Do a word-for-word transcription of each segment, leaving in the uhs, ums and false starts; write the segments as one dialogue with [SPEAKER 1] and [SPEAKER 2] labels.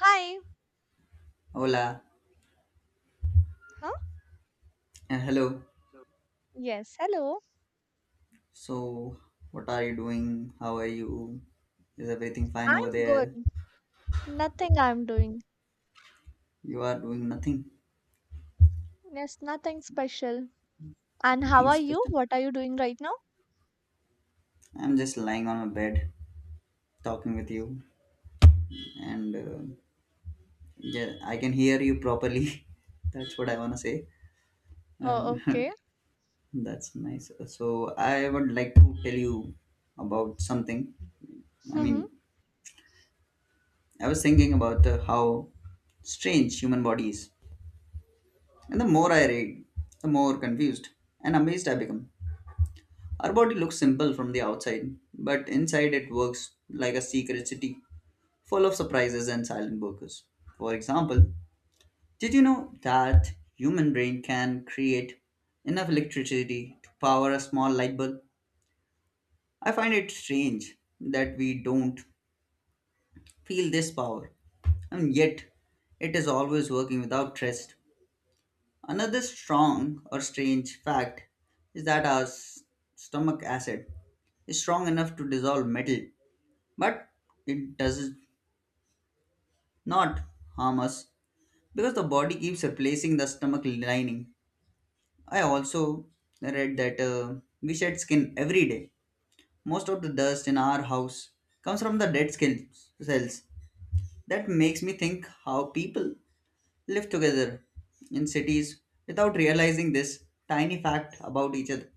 [SPEAKER 1] Hi.
[SPEAKER 2] Hola
[SPEAKER 1] Huh?
[SPEAKER 2] and hello.
[SPEAKER 1] Yes, hello.
[SPEAKER 2] So, what are you doing? How are you? Is everything fine over
[SPEAKER 1] I'm
[SPEAKER 2] there?
[SPEAKER 1] good. Nothing I'm doing.
[SPEAKER 2] You are doing nothing,
[SPEAKER 1] Yes, nothing special. And how
[SPEAKER 2] nothing
[SPEAKER 1] are you?
[SPEAKER 2] special.
[SPEAKER 1] What are you doing right now?
[SPEAKER 2] I'm just lying on my bed talking with you, and uh, yeah, I can hear you properly. that's what I want to say,
[SPEAKER 1] Oh,
[SPEAKER 2] and
[SPEAKER 1] okay.
[SPEAKER 2] that's nice. So, I would like to tell you about something. I
[SPEAKER 1] Mm-hmm.
[SPEAKER 2] mean, I was thinking about uh, how strange human body is. And the more I read, the more confused and amazed I become. Our body looks simple from the outside, but inside it works like a secret city full of surprises and silent workers. For example, did you know that human brain can create enough electricity to power a small light bulb? I find it strange that we don't feel this power, and yet it is always working without rest. Another strong or strange fact is that our s- stomach acid is strong enough to dissolve metal, but it does not harm us because the body keeps replacing the stomach lining. I also read that uh, we shed skin every day. Most of the dust in our house comes from the dead skin cells. That makes me think how people live together in cities without realizing this tiny fact about each other.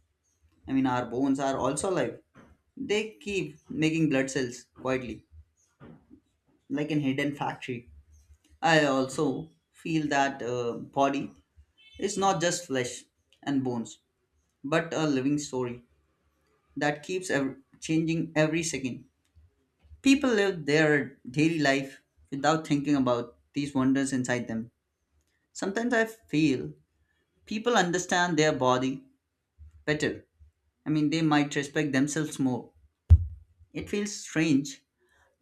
[SPEAKER 2] I mean, our bones are also alive. They keep making blood cells quietly, like in hidden factory. I also feel that uh, body is not just flesh and bones, but a living story that keeps ev- changing every second. People live their daily life without thinking about these wonders inside them. Sometimes I feel people understand their body better. I mean, they might respect themselves more. It feels strange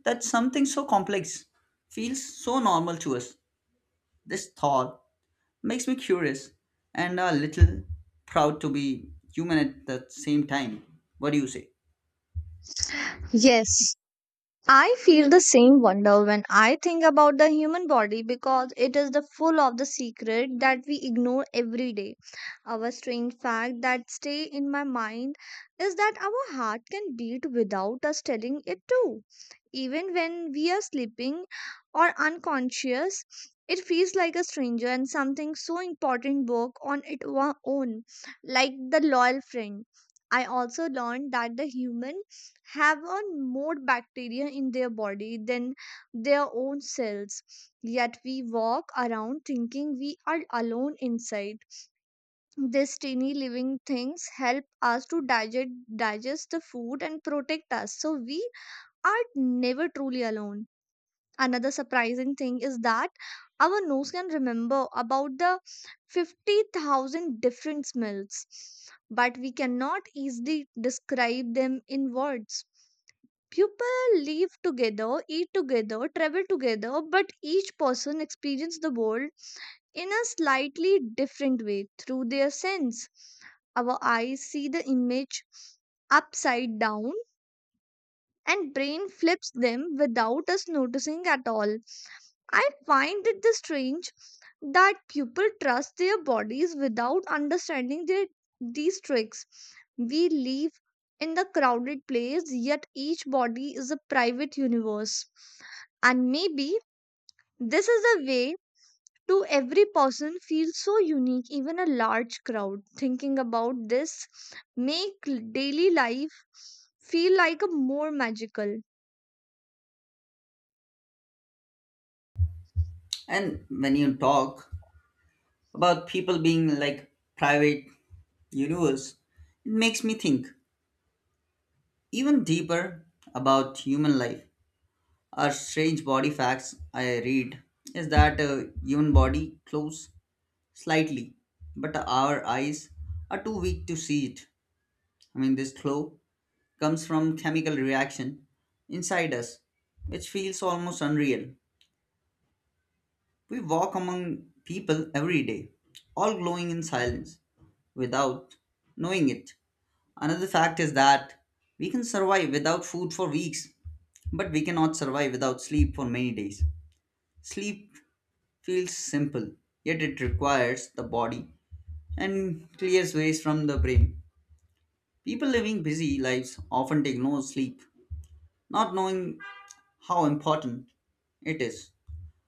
[SPEAKER 2] that something so complex feels so normal to us. This thought makes me curious and a little proud to be human at the same time. What do you say?
[SPEAKER 1] Yes. I feel the same wonder when I think about the human body because it is the full of the secret that we ignore every day. Our strange fact that stay in my mind is that our heart can beat without us telling it to. Even when we are sleeping or unconscious, it feels like a stranger and something so important work on its own, like the loyal friend. I also learned that the human have on more bacteria in their body than their own cells. Yet we walk around thinking we are alone inside. These tiny living things help us to digest, digest the food and protect us. So we are never truly alone. Another surprising thing is that our nose can remember about the fifty thousand different smells, but we cannot easily describe them in words. People live together, eat together, travel together, but each person experiences the world in a slightly different way through their sense. Our eyes see the image upside down and brain flips them without us noticing at all. I find it the strange that people trust their bodies without understanding their, these tricks. We live in the crowded place, yet each body is a private universe. And maybe this is the way to every person feels so unique, even a large crowd. Thinking about this make daily life feel like a more magical.
[SPEAKER 2] And when you talk about people being like private universe, it makes me think even deeper about human life. Our strange body facts I read is that uh, human body close slightly, but our eyes are too weak to see it. I mean, this glow comes from chemical reaction inside us, which feels almost unreal. We walk among people every day, all glowing in silence, without knowing it. Another fact is that we can survive without food for weeks, but we cannot survive without sleep for many days. Sleep feels simple, yet it requires the body and clears ways from the brain. People living busy lives often take no sleep, not knowing how important it is.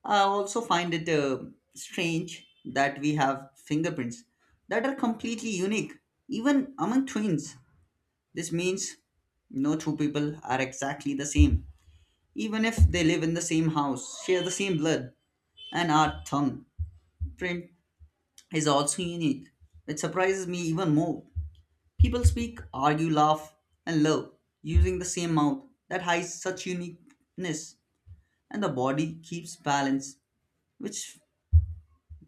[SPEAKER 2] I also find it uh, strange that we have fingerprints that are completely unique, even among twins. This means no two people are exactly the same, even if they live in the same house, share the same blood, and our tongue print is also unique. It surprises me even more. People speak, argue, laugh, and love using the same mouth that hides such uniqueness, and the body keeps balance which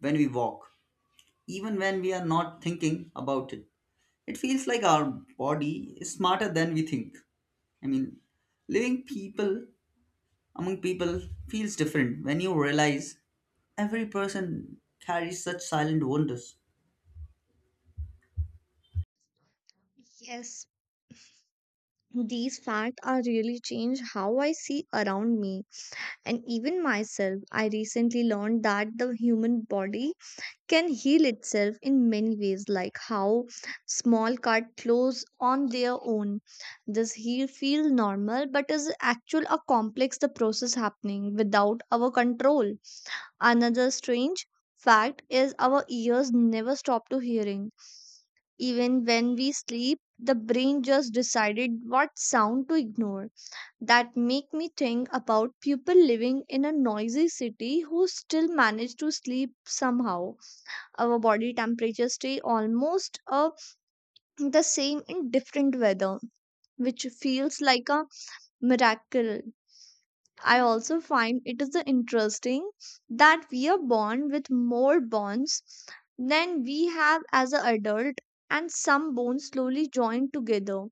[SPEAKER 2] when we walk, even when we are not thinking about it, it feels like our body is smarter than we think. I mean, living people among people feels different when you realize every person carries such silent wonders.
[SPEAKER 1] Yes, these facts are really changed how I see around me and even myself. I recently learned that the human body can heal itself in many ways, like how small cut close on their own. This heal feel normal, but is actual a complex the process happening without our control. Another strange fact is our ears never stop to hearing. Even when we sleep, the brain just decided what sound to ignore, that make me think about people living in a noisy city who still manage to sleep somehow. Our body temperature stay almost uh, the same in different weather, which feels like a miracle. I also find it is the interesting that we are born with more bonds than we have as an adult, and some bones slowly join together.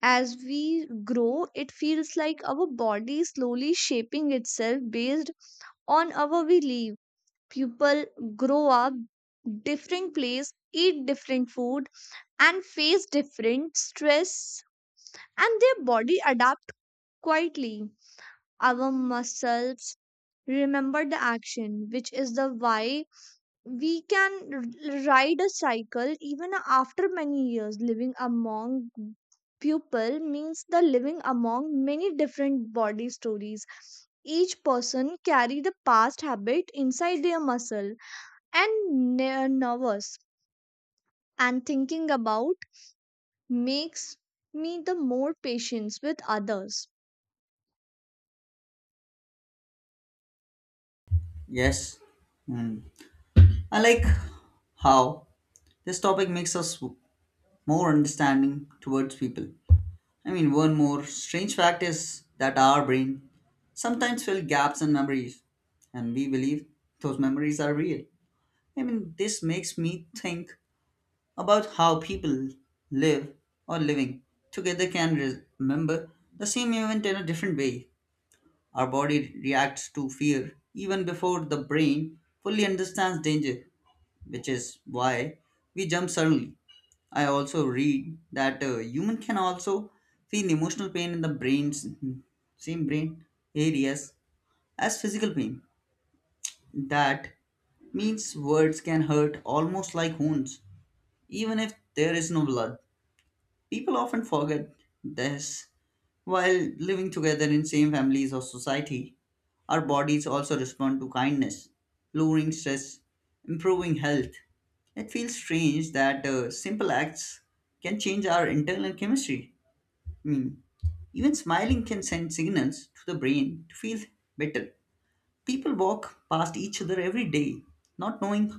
[SPEAKER 1] As we grow, it feels like our body is slowly shaping itself based on our belief. People grow up different place, eat different food, and face different stress, and their body adapt quietly. Our muscles remember the action, which is the why we can r- ride a cycle even after many years. Living among people means the living among many different body stories. Each person carry the past habit inside their muscle and ner- nervous, and thinking about makes me the more patience with others.
[SPEAKER 2] Yes, mm. I like how this topic makes us more understanding towards people. I mean, one more strange fact is that our brain sometimes fill gaps in memories, and we believe those memories are real. I mean, this makes me think about how people live or living together can re- remember the same event in a different way. Our body reacts to fear even before the brain fully understands danger, which is why we jump suddenly. I also read that a human can also feel emotional pain in the brain's same brain areas as physical pain. That means words can hurt almost like wounds, even if there is no blood. People often forget this while living together in same families or society. Our bodies also respond to kindness, lowering stress, improving health. It feels strange that uh, simple acts can change our internal chemistry. I mean, even smiling can send signals to the brain to feel better. People walk past each other every day, not knowing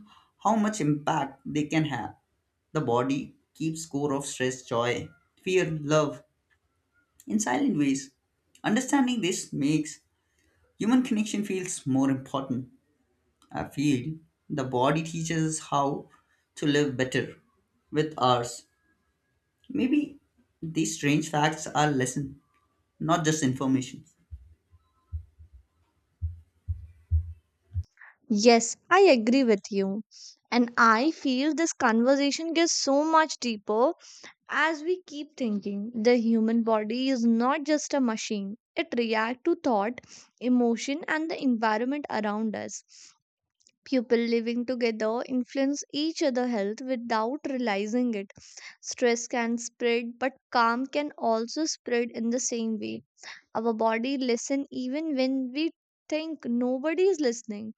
[SPEAKER 2] how much impact they can have. The body keeps score of stress, joy, fear, love in silent ways. Understanding this makes human connection feels more important. I feel the body teaches us how to live better with ours. Maybe these strange facts are lesson, not just information.
[SPEAKER 1] Yes, I agree with you, and I feel this conversation gets so much deeper. As we keep thinking, the human body is not just a machine. It reacts to thought, emotion, and the environment around us. People living together influence each other' health without realizing it. Stress can spread, but calm can also spread in the same way. Our body listen even when we think nobody is listening.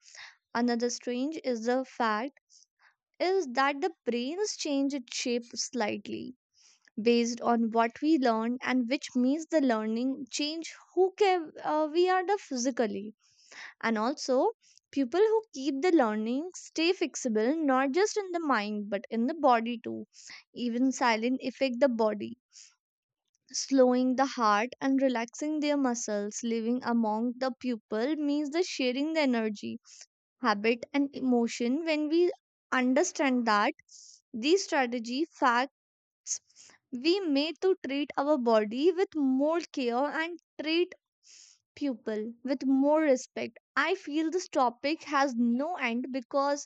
[SPEAKER 1] Another strange is the fact is that the brain's change its shape slightly based on what we learn, and which means the learning change who ca- uh, we are the physically, and also people who keep the learning stay fixable not just in the mind but in the body too. Even silent affect the body, slowing the heart and relaxing their muscles. Living among the pupil means the sharing the energy, habit and emotion. When we understand that, these strategy fat we made to treat our body with more care and treat people with more respect. I feel this topic has no end because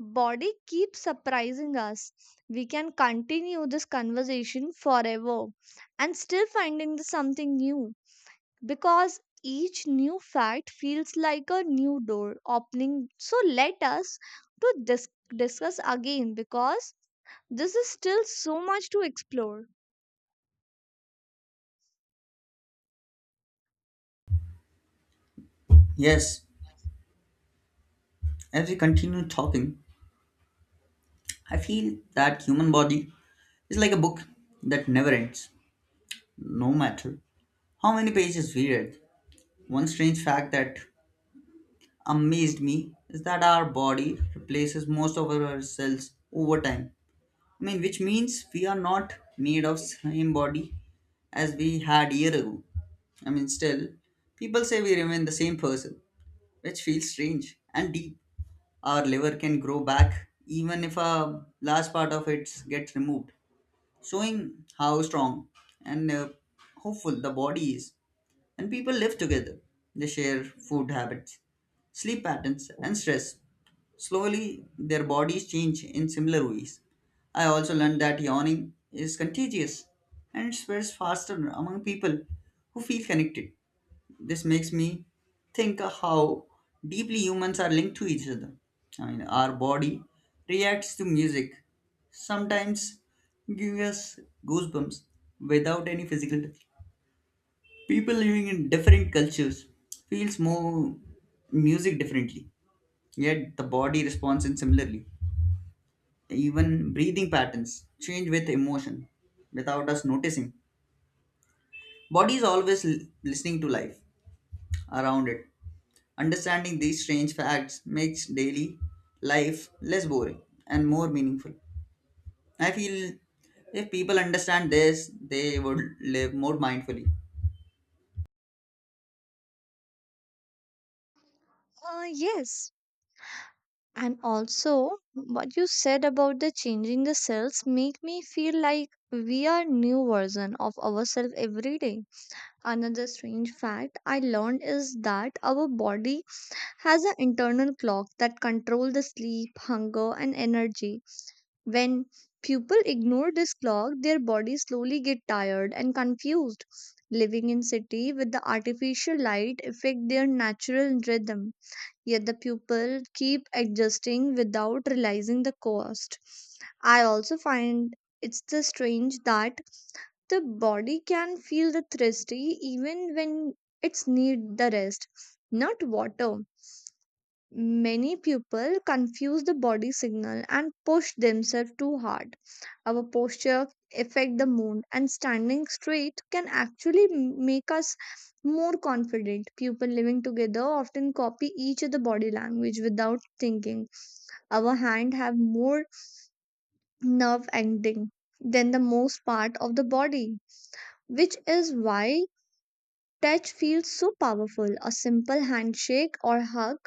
[SPEAKER 1] body keeps surprising us. We can continue this conversation forever and still finding the something new because each new fact feels like a new door opening. So let us to dis- discuss again because this is still so much to explore.
[SPEAKER 2] Yes, as we continue talking, I feel that human body it's like a book that never ends, no matter how many pages we read. One strange fact that amazed me is that our body replaces most of our cells over time. I mean, which means we are not made of same body as we had year ago. I mean, still, people say we remain the same person, which feels strange and deep. Our liver can grow back even if a large part of it gets removed, showing how strong and uh, hopeful the body is. And people live together. They share food habits, sleep patterns, and stress. Slowly, their bodies change in similar ways. I also learned that yawning is contagious and spreads faster among people who feel connected. This makes me think how deeply humans are linked to each other. I mean, our body reacts to music, sometimes giving us goosebumps without any physical touch. People living in different cultures feels more music differently, yet the body responds in similarly. Even breathing patterns change with emotion without us noticing. Body is always l- listening to life around it. Understanding these strange facts makes daily life less boring and more meaningful. I feel if people understand this, they would live more mindfully.
[SPEAKER 1] Uh, yes, and also what you said about the changing the cells make me feel like we are new version of ourselves every day. Another strange fact I learned is that our body has an internal clock that control the sleep, hunger, and energy. When people ignore this clock, their body slowly get tired and confused. Living in city with the artificial light affect their natural rhythm, yet the people keep adjusting without realizing the cost. I also find it's the strange that the body can feel the thirsty even when it's need the rest, not water. Many people confuse the body signal and push themselves too hard. Our posture affect the mood, and standing straight can actually m- make us more confident. People living together often copy each other body language without thinking. Our hand have more nerve ending than the most part of the body, which is why touch feels so powerful. A simple handshake or hug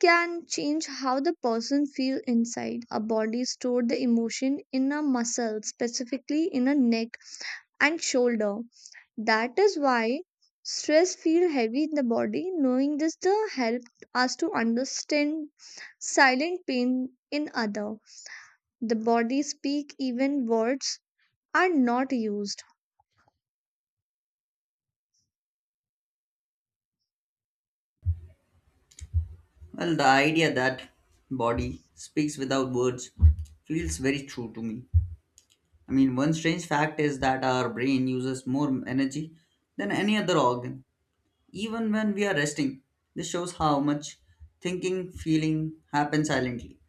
[SPEAKER 1] can change how the person feel inside. Our body store the emotion in a muscle, specifically in a neck and shoulder. That is why stress feel heavy in the body. Knowing this the help us to understand silent pain in other. The body speak even words are not used.
[SPEAKER 2] Well, the idea that body speaks without words feels very true to me. I mean, one strange fact is that our brain uses more energy than any other organ, even when we are resting. This shows how much thinking, feeling happens silently.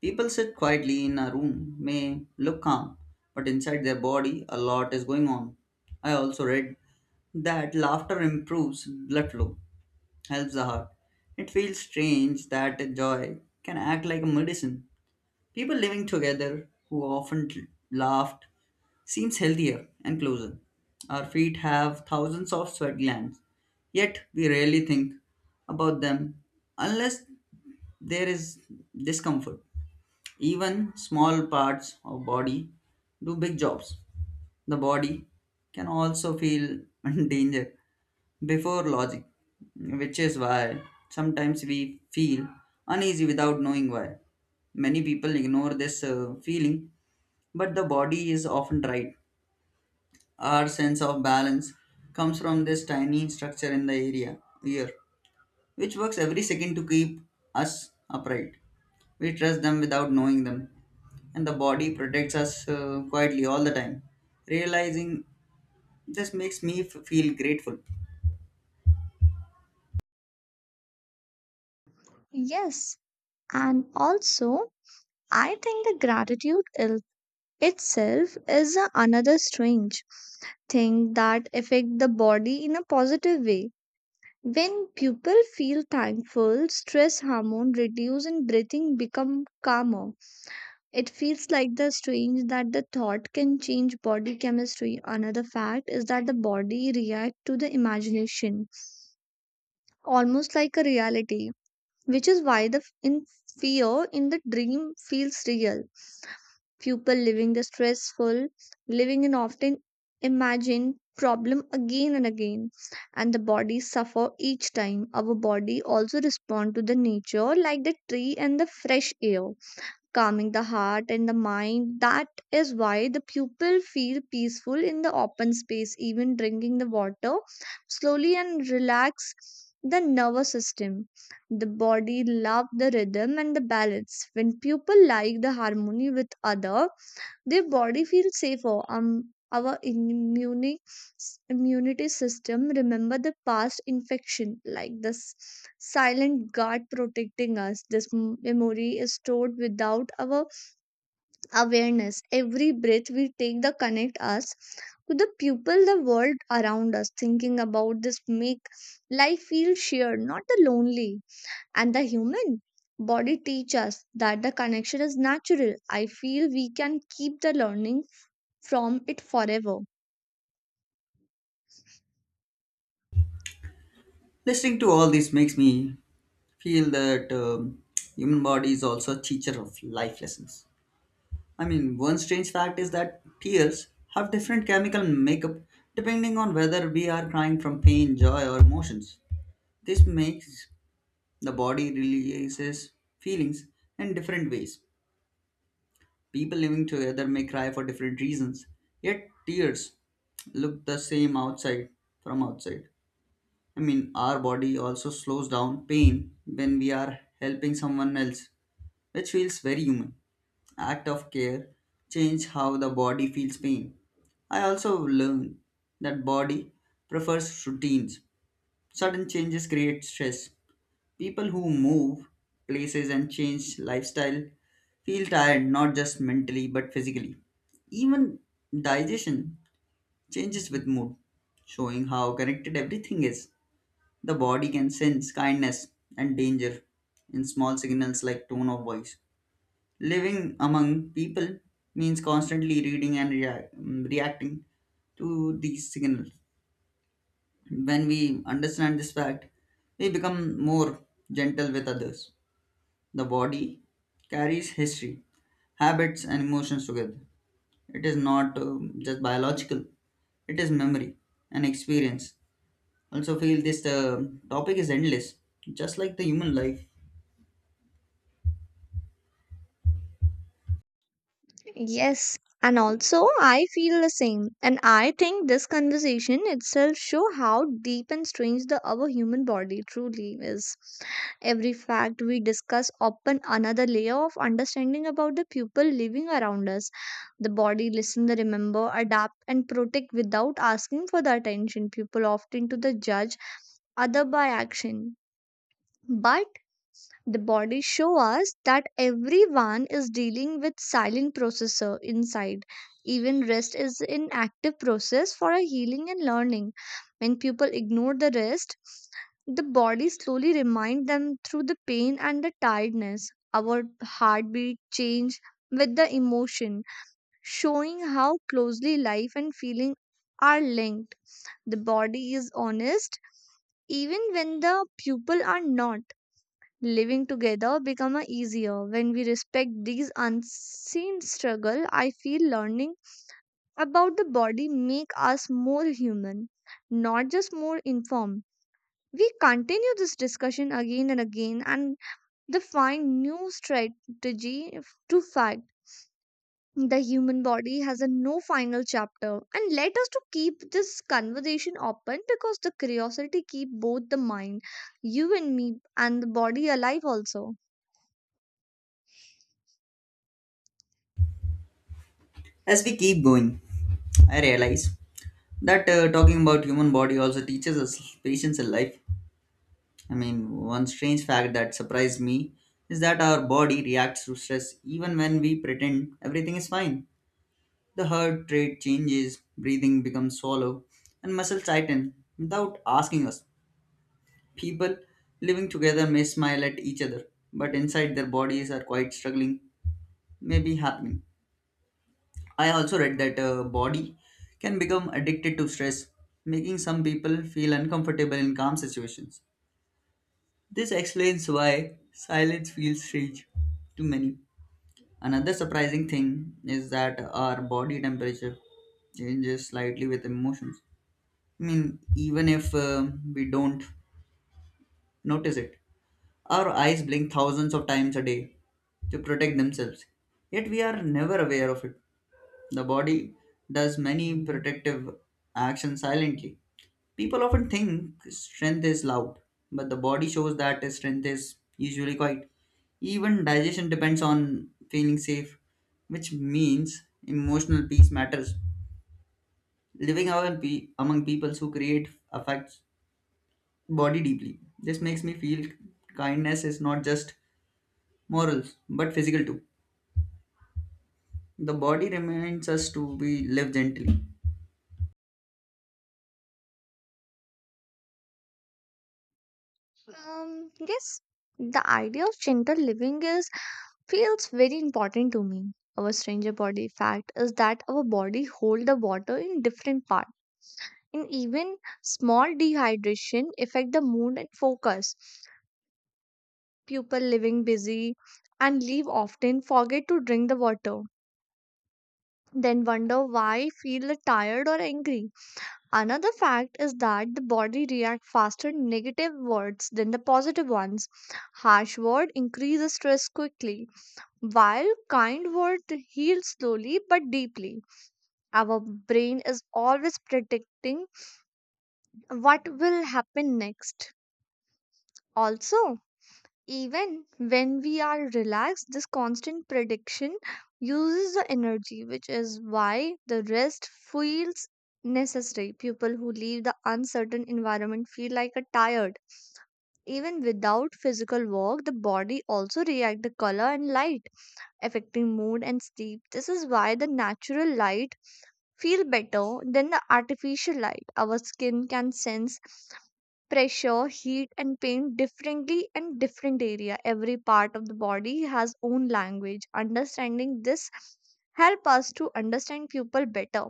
[SPEAKER 2] People sit quietly in a room may look calm, but inside their body a lot is going on. I also read that laughter improves blood flow, helps the heart. It feels strange that joy can act like a medicine. People living together who often laughed seems healthier and closer. Our feet have thousands of sweat glands, yet we rarely think about them unless there is discomfort. Even small parts of body do big jobs. The body can also feel danger before logic, which is why sometimes we feel uneasy without knowing why. Many people ignore this uh, feeling, but the body is often right. Our sense of balance comes from this tiny structure in the area ear, which works every second to keep us upright. We trust them without knowing them, and the body protects us uh, quietly all the time. Realizing this makes me f- feel grateful.
[SPEAKER 1] Yes, and also I think the gratitude is itself is a another strange thing that affect the body in a positive way. When people feel thankful, stress hormone reduce and breathing become calmer. It feels like the strange that the thought can change body chemistry. Another fact is that the body react to the imagination almost like a reality, which is why the f- in fear in the dream feels real. People living the stressful living and often imagine problem again and again, and the body suffer each time. Our body also respond to the nature like the tree and the fresh air, calming the heart and the mind. That is why the pupil feel peaceful in the open space. Even drinking the water slowly and relax the nervous system. The body love the rhythm and the balance. When pupil like the harmony with other, their body feels safer. Um, our immune immunity system remember the past infection, like this silent guard protecting us. This m- memory is stored without our awareness. Every breath we take the connect us to the people, the world around us. Thinking about this make life feel shared, not the lonely. And the human body teach us that the connection is natural. I feel we can keep the learning from it forever.
[SPEAKER 2] Listening to all this makes me feel that um, human body is also a teacher of life lessons. I mean, one strange fact is that tears have different chemical makeup depending on whether we are crying from pain, joy, or emotions. This makes the body releases feelings in different ways. People living together may cry for different reasons, yet tears look the same outside from outside. I mean, our body also slows down pain when we are helping someone else, which feels very human. Act of care change how the body feels pain. I also learned that body prefers routines. Sudden changes create stress. People who move places and change lifestyle feel tired not just mentally but physically. Even digestion changes with mood, showing how connected everything is. The body can sense kindness and danger in small signals like tone of voice. Living among people means constantly reading and rea- mm, reacting to these signals. When we understand this fact, we become more gentle with others. The body carries history, habits, and emotions together. It is not um, just biological, it is memory and experience. Also, feel this uh, topic is endless, just like the human life.
[SPEAKER 1] Yes, and also I feel the same. And I think this conversation itself show how deep and strange the our human body truly is. Every fact we discuss open another layer of understanding about the people living around us. The body listen, the remember, adapt and protect without asking for the attention. People often to the judge other by action. But the body show us that everyone is dealing with silent processor inside. Even rest is an active process for a healing and learning. When people ignore the rest, the body slowly remind them through the pain and the tiredness. Our heartbeat change with the emotion, showing how closely life and feeling are linked. The body is honest even when the pupil are not. Living together become a easier when we respect these unseen struggle. I feel learning about the body make us more human, not just more informed. We continue this discussion again and again and define new strategy f- to fight. The human body has a no final chapter, and let us to keep this conversation open because the curiosity keep both the mind, you and me, and the body alive also.
[SPEAKER 2] As we keep going, I realize that uh, talking about human body also teaches us patience in life. I mean, one strange fact that surprised me is that our body reacts to stress even when we pretend everything is fine. The heart rate changes, breathing becomes shallow, and muscles tighten without asking us. People living together may smile at each other, but inside their bodies are quite struggling, maybe happening. I also read that a body can become addicted to stress, making some people feel uncomfortable in calm situations. This explains why silence feels strange to many. Another surprising thing is that our body temperature changes slightly with emotions. I mean, even if um we don't notice it, our eyes blink thousands of times a day to protect themselves. Yet we are never aware of it. The body does many protective actions silently. People often think strength is loud, but the body shows that strength is usually quiet. Even digestion depends on feeling safe, which means emotional peace matters. Living among, pe- among peoples who create affects body deeply. This makes me feel kindness is not just morals but physical too. The body reminds us to be live gently.
[SPEAKER 1] Um, yes, the idea of gentle living is feels very important to me. Our stranger body fact is that our body hold the water in different part, and even small dehydration affect the mood and focus. People living busy and leave often forget to drink the water, then wonder why feel tired or angry. Another fact is that the body reacts faster to negative words than the positive ones. Harsh word increases stress quickly, while kind word heals slowly but deeply. Our brain is always predicting what will happen next. Also, even when we are relaxed, this constant prediction uses the energy, which is why the rest feels necessary. People who leave the uncertain environment feel like a tired. Even without physical work, the body also reacts to color and light, affecting mood and sleep. This is why the natural light feel better than the artificial light. Our skin can sense pressure, heat and pain differently in different area. Every part of the body has own language. Understanding this help us to understand people better.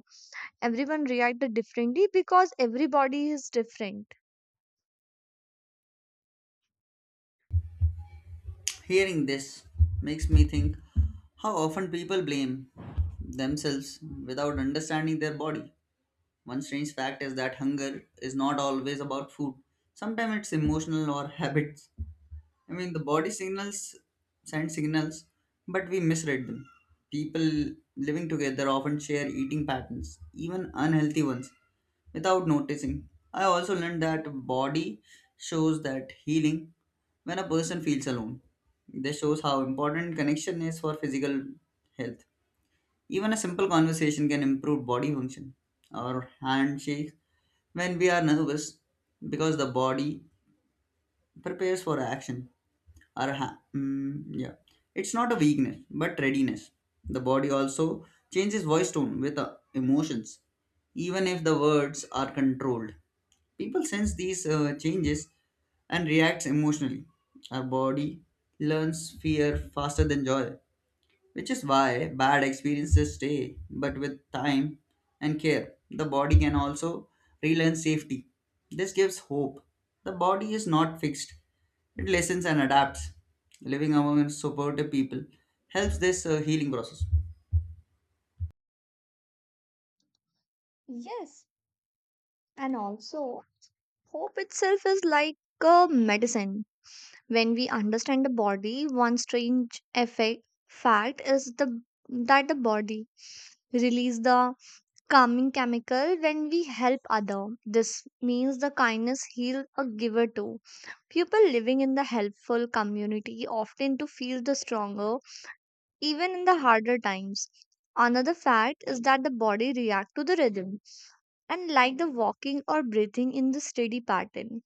[SPEAKER 1] Everyone reacted differently because everybody is different.
[SPEAKER 2] Hearing this makes me think how often people blame themselves without understanding their body. One strange fact is that hunger is not always about food. Sometimes it's emotional or habits. I mean, the body signals send signals, but we misread them. People living together often share eating patterns, even unhealthy ones, without noticing. I also learned that body shows that healing when a person feels alone. This shows how important connection is for physical health. Even a simple conversation can improve body function. Our handshake when we are nervous because the body prepares for action or ha- mm, yeah, it's not a weakness but readiness. The body also changes voice tone with uh, emotions, even if the words are controlled. People sense these uh, changes and reacts emotionally. Our body learns fear faster than joy, which is why bad experiences stay. But with time and care, the body can also relearn safety. This gives hope. The body is not fixed, it listens and adapts. Living among supportive people helps this uh, healing process.
[SPEAKER 1] Yes, and also hope itself is like a medicine. When we understand the body, one strange effect fact is the that the body release the calming chemical when we help other. This means the kindness heal a giver too. People living in the helpful community often to feel the stronger even in the harder times. Another fact is that the body react to the rhythm and like the walking or breathing in the steady pattern.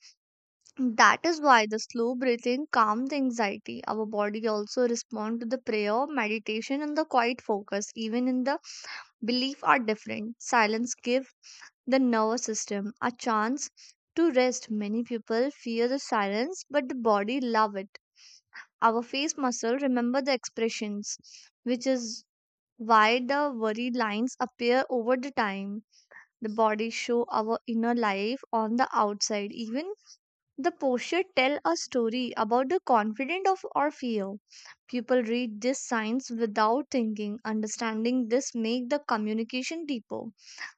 [SPEAKER 1] That is why the slow breathing calms the anxiety. Our body also respond to the prayer, meditation and the quiet focus. Even in the belief are different, silence give the nervous system a chance to rest. Many people fear the silence, but the body love it. Our face muscle remember the expressions, which is why the worried lines appear over the time. The body show our inner life on the outside. Even the posture tell a story about the confident of or fear. People read these signs without thinking. Understanding this make the communication deeper.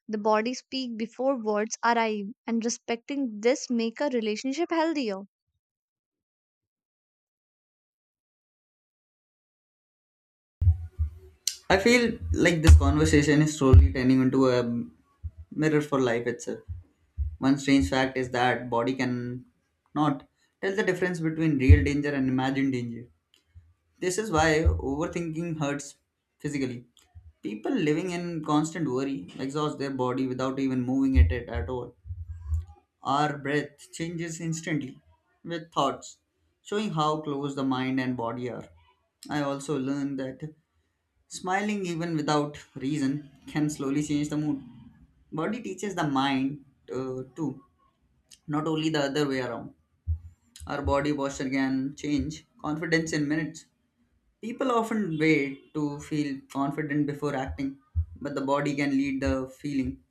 [SPEAKER 1] The body speak before words arrive, and respecting this make a relationship healthier.
[SPEAKER 2] I feel like this conversation is slowly turning into a mirror for life itself. One strange fact is that body can not tell the difference between real danger and imagined danger. This is why overthinking hurts physically. People living in constant worry exhaust their body without even moving it at, at all. Our breath changes instantly with thoughts, showing how close the mind and body are. I also learned that smiling even without reason can slowly change the mood. Body teaches the mind uh, too, not only the other way around. Our body posture can change confidence in minutes. People often wait to feel confident before acting, but the body can lead the feeling.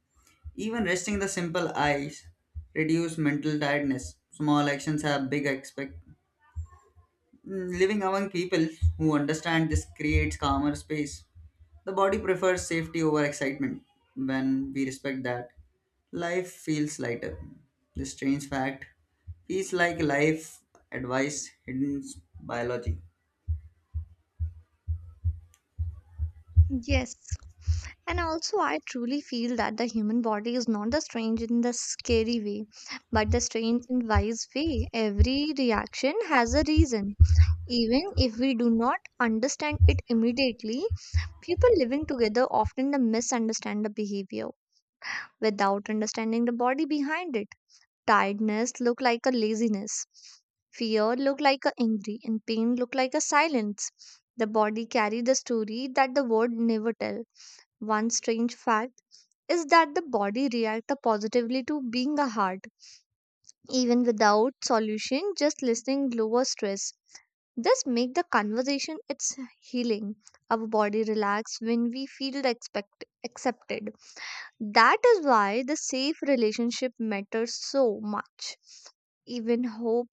[SPEAKER 2] Even resting the simple eyes reduce mental tiredness. Small actions have big expect. Mm, Living among people who understand this creates calmer space. The body prefers safety over excitement. When we respect that, life feels lighter. This strange fact feels like life advice hidden biology.
[SPEAKER 1] Yes. And also, I truly feel that the human body is not the strange in the scary way, but the strange in wise way. Every reaction has a reason. Even if we do not understand it immediately, people living together often the misunderstand the behavior without understanding the body behind it. Tiredness look like a laziness. Fear look like a angry, and pain look like a silence. The body carry the story that the word never tell. One strange fact is that the body react positively to being a heart. Even without solution, just listening lower stress. This make the conversation it's healing. Our body relax when we feel expect, accepted. That is why the safe relationship matters so much. Even hope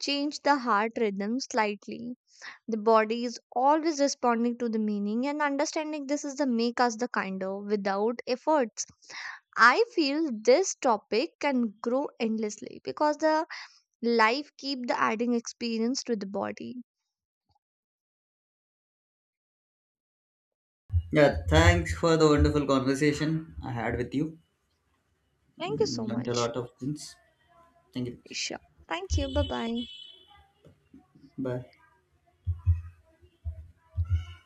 [SPEAKER 1] changed the heart rhythm slightly. The body is always responding to the meaning, and understanding this is the make us the kinder without efforts. I feel this topic can grow endlessly because the life keep the adding experience to the body.
[SPEAKER 2] Yeah, thanks for the wonderful conversation I had with you.
[SPEAKER 1] Thank you
[SPEAKER 2] Mm,
[SPEAKER 1] so
[SPEAKER 2] Learned a
[SPEAKER 1] much,
[SPEAKER 2] lot of things. Thank you.
[SPEAKER 1] Isha. Thank you. Bye bye.
[SPEAKER 2] Bye.